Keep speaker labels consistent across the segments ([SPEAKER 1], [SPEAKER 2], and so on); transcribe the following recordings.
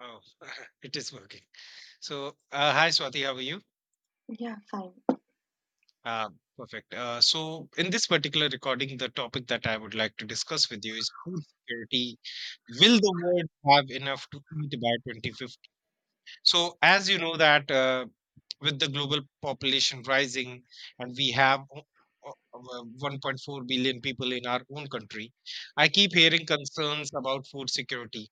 [SPEAKER 1] Oh, it is working. Hi Swati, how are you?
[SPEAKER 2] Yeah, fine.
[SPEAKER 1] Uh, Perfect. In this particular recording, the topic that I would like to discuss with you is food security. Will the world have enough to eat by 2050? So, as you know that with the global population rising, and we have 1.4 billion people in our own country, I keep hearing concerns about food security.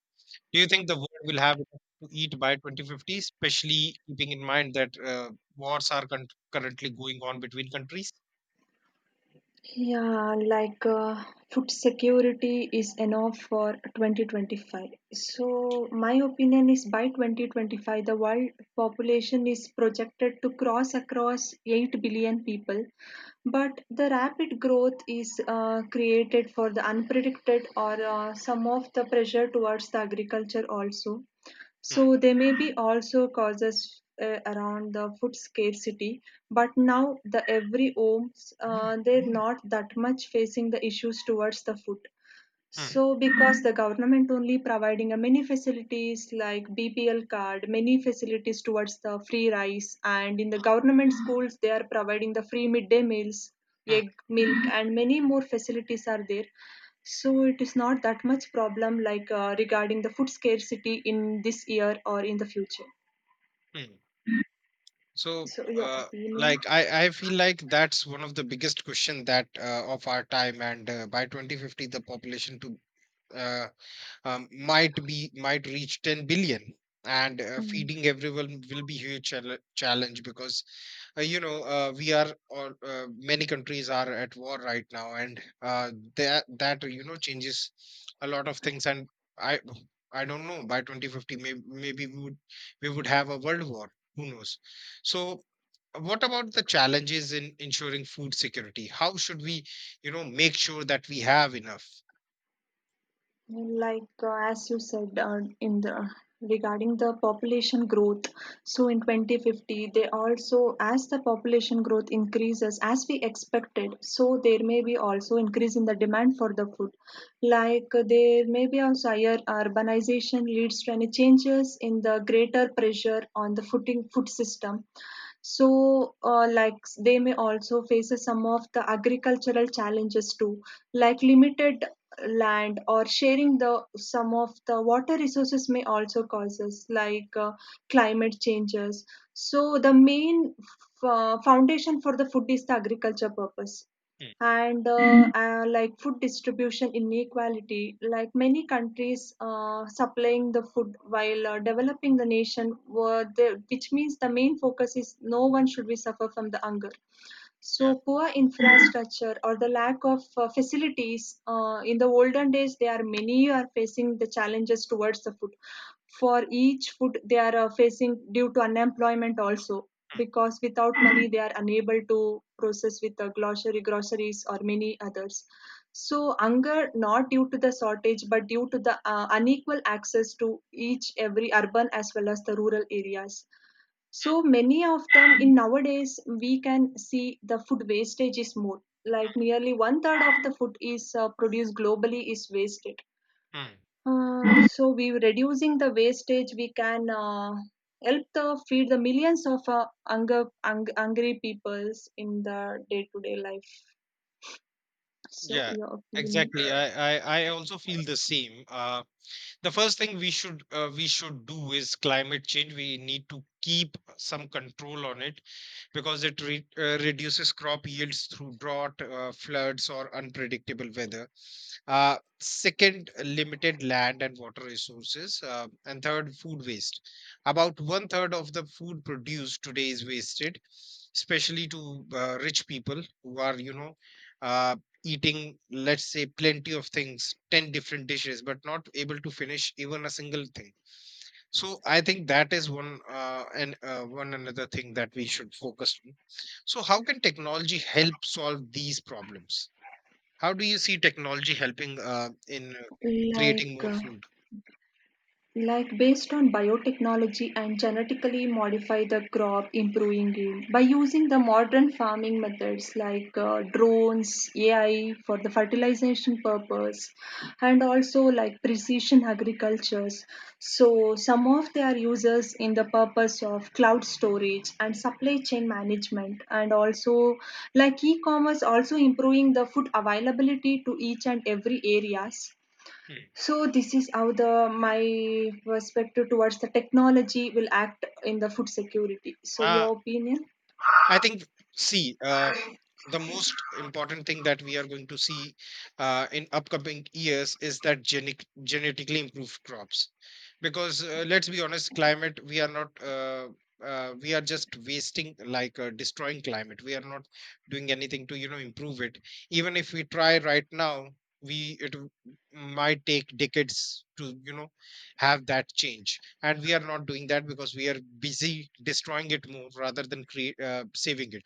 [SPEAKER 1] Do you think the world will have enough to eat by 2050, especially keeping in mind that wars are currently going on between countries?
[SPEAKER 2] Yeah, like food security is enough for 2025. So, my opinion is by 2025, the world population is projected to cross across 8 billion people. But the rapid growth is created for the unpredicted or some of the pressure towards the agriculture also.
[SPEAKER 1] Hmm.
[SPEAKER 2] So there may be also causes around the food scarcity, but now the every homes they're not that much facing the issues towards the food.
[SPEAKER 1] Hmm.
[SPEAKER 2] So, because the government only providing a many facilities like BPL card, many facilities towards the free rice, and in the government schools they are providing the free midday meals,
[SPEAKER 1] Hmm.
[SPEAKER 2] egg, milk, and many more facilities are there. So it is not that much problem like regarding the food scarcity in this year or in the future.
[SPEAKER 1] Hmm. So,
[SPEAKER 2] So your
[SPEAKER 1] uh,
[SPEAKER 2] opinion?
[SPEAKER 1] I feel like that's one of the biggest question that of our time. And by 2050, the population to uh, might reach 10 billion, and feeding everyone will be huge challenge, because we are all many countries are at war right now, and that changes a lot of things. And i I don't know, by 2050 maybe, maybe we would, we would have a world war, who knows. So what about the challenges in ensuring food security? How should we, make sure that we have enough?
[SPEAKER 2] Like as you said in the regarding the population growth, so in 2050 they also as the population growth increases as we expected, so there may be also increase in the demand for the food. Like there may be also higher urbanization leads to any changes in the greater pressure on the footing food system so, like they may also face some of the agricultural challenges too, like limited land or sharing the some of the water resources may also causes like climate changes. So the main foundation for the food is the agriculture purpose
[SPEAKER 1] Mm.
[SPEAKER 2] and like food distribution inequality like many countries supplying the food while developing the nation were the, which means the main focus is no one should be suffer from the hunger
[SPEAKER 1] Yeah.
[SPEAKER 2] so poor infrastructure or the lack of facilities in the olden days, they are many are facing the challenges towards the food. For each food, they are facing due to unemployment also because without money they are unable to process with the grocery groceries or many others so hunger not due to the shortage but due to the unequal access to each every urban as well as the rural areas so many of them in nowadays we can see the food wastage is more. Like nearly one third of the food is produced globally is wasted.
[SPEAKER 1] Mm.
[SPEAKER 2] So we reducing the wastage, we can help the feed the millions of hungry peoples in the day to day life. So
[SPEAKER 1] Yeah,
[SPEAKER 2] your opinion,
[SPEAKER 1] exactly. I also feel the same. The first thing we should do is climate change. We need to keep some control on it, because it reduces crop yields through drought, floods, or unpredictable weather. Second, limited land and water resources. And third, food waste. About one third of the food produced today is wasted, especially to rich people who are, you know, uh, eating, let's say, plenty of things, 10 different dishes, but not able to finish even a single thing. So I think that is one, and one another thing that we should focus on. So how can technology help solve these problems? How do you see technology helping in
[SPEAKER 2] like.
[SPEAKER 1] creating more
[SPEAKER 2] Uh,
[SPEAKER 1] food?
[SPEAKER 2] like based on biotechnology and genetically modify the crop, improving yield by using the modern farming methods like drones, AI for the fertilization purpose, and also like precision agricultures. So some of their uses in the purpose of cloud storage and supply chain management, and also like e-commerce also improving the food availability to each and every areas
[SPEAKER 1] Hmm.
[SPEAKER 2] so this is how the my perspective towards the technology will act in the food security. So
[SPEAKER 1] Uh,
[SPEAKER 2] your opinion?
[SPEAKER 1] I think, see, the most important thing that we are going to see in upcoming years is that genetically improved crops. Because let's be honest, climate, we are not, we are just wasting, like destroying climate. We are not doing anything to, you know, improve it. Even if we try right now, we, it w- might take decades to, you know, have that change. And we are not doing that because we are busy destroying it more rather than saving it.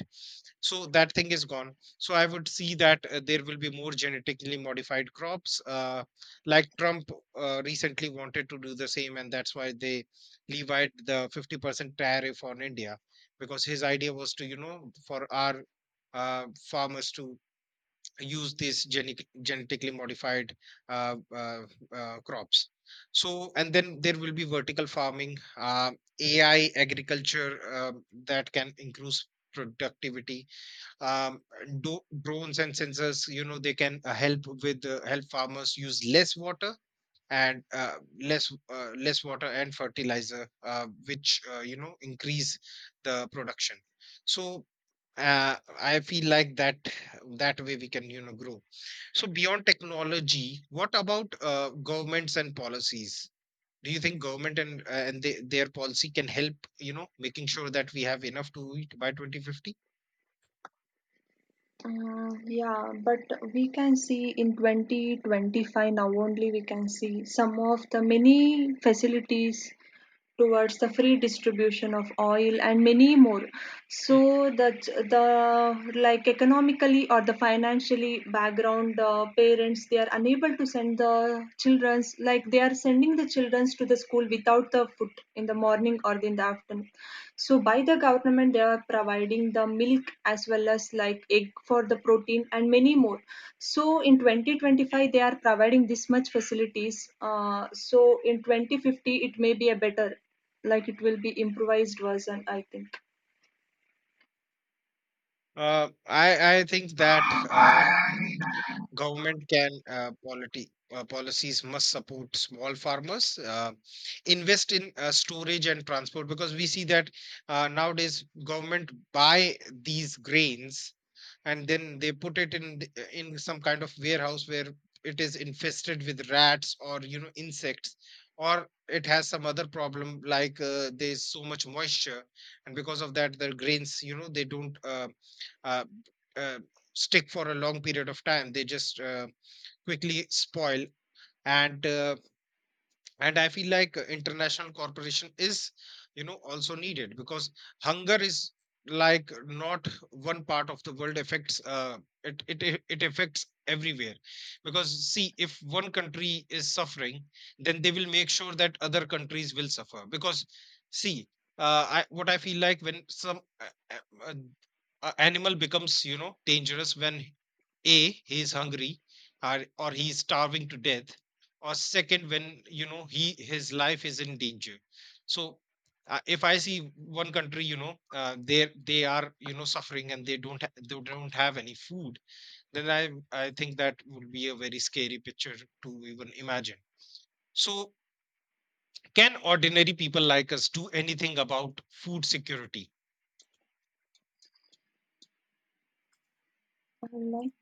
[SPEAKER 1] So that thing is gone. So I would see that there will be more genetically modified crops. Like, Trump recently wanted to do the same, and that's why they levied the 50% tariff on India, because his idea was to, you know, for our uh, farmers to use these genetically modified uh, uh, crops. So, and then there will be vertical farming, AI agriculture, that can increase productivity. um, Drones and sensors, you know, they can help with, help farmers use less water, and less water and fertilizer, which, you know, increase the production. So I feel like that, that way we can, you know, grow. So beyond technology, what about governments and policies? Do you think government and their policy can help, you know, making sure that we have enough to eat by 2050?
[SPEAKER 2] Yeah, but we can see in 2025 now only we can see some of the many facilities towards the free distribution of oil and many more so that the like economically or the financially background parents they are unable to send the children's like they are sending the children's to the school without the food in the morning or in the them. So by the government they are providing the milk as well as like egg for the protein and many more. So in 2025 they are providing this much facilities. So in 2050 it may be a better, like it will be improvised version I think.
[SPEAKER 1] I think that government can, polity policies must support small farmers, invest in storage and transport, because we see that nowadays government buy these grains and then they put it in in some kind of warehouse where it is infested with rats, or you know, insects, or it has some other problem, like there's so much moisture. And because of that the grains, you know, they don't uh, uh, stick for a long period of time, they just quickly spoil. And uh, and i feel like international cooperation is, you know, also needed, because hunger is, like, not one part of the world affects, it affects everywhere. Because, see, if one country is suffering, then they will make sure that other countries will suffer, because, see, what I feel like, when some uh, a animal becomes, you know, dangerous when a, he is hungry, or he is starving to death, or second, when, you know, he, his life is in danger. So if I see one country, you know, they are, you know, suffering, and they don't they don't have any food, then I think that would be a very scary picture to even imagine. So can ordinary people like us do anything about food security?
[SPEAKER 2] Like,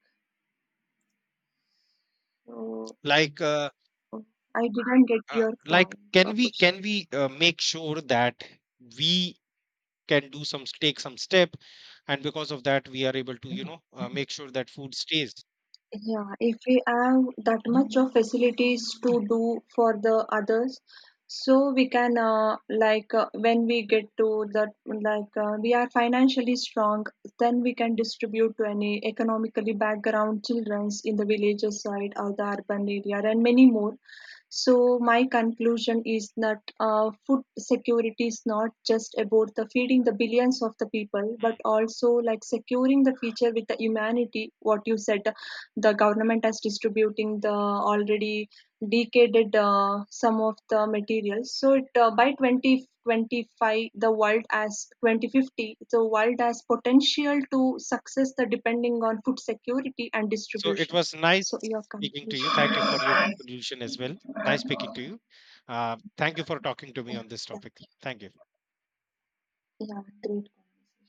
[SPEAKER 2] so
[SPEAKER 1] like uh,
[SPEAKER 2] I didn't get your
[SPEAKER 1] like,
[SPEAKER 2] point or
[SPEAKER 1] can we, can
[SPEAKER 2] question.
[SPEAKER 1] we uh, make sure that we can do some, take some step, and because of that we are able to, you know, make sure that food stays.
[SPEAKER 2] Yeah, if we have that much of facilities to do for the others, so we can when we get to that like we are financially strong, then we can distribute to any economically background childrens in the villages side or the urban area and many more. So my conclusion is that food security is not just about the feeding the billions of the people, but
[SPEAKER 1] Hmm.
[SPEAKER 2] also like securing the future with the humanity. What you said, the government is distributing the already decaded some of the materials. So it by 2025, the world as 2050, the world has potential to success the depending on food security and
[SPEAKER 1] So it
[SPEAKER 2] distribution.
[SPEAKER 1] was nice
[SPEAKER 2] So your
[SPEAKER 1] speaking to you. Thank
[SPEAKER 2] conclusion.
[SPEAKER 1] you for your conclusion as well. Nice speaking to you. Thank you for talking to me
[SPEAKER 2] Yeah,
[SPEAKER 1] on this
[SPEAKER 2] yeah,
[SPEAKER 1] topic. Thank you.
[SPEAKER 2] yeah, great.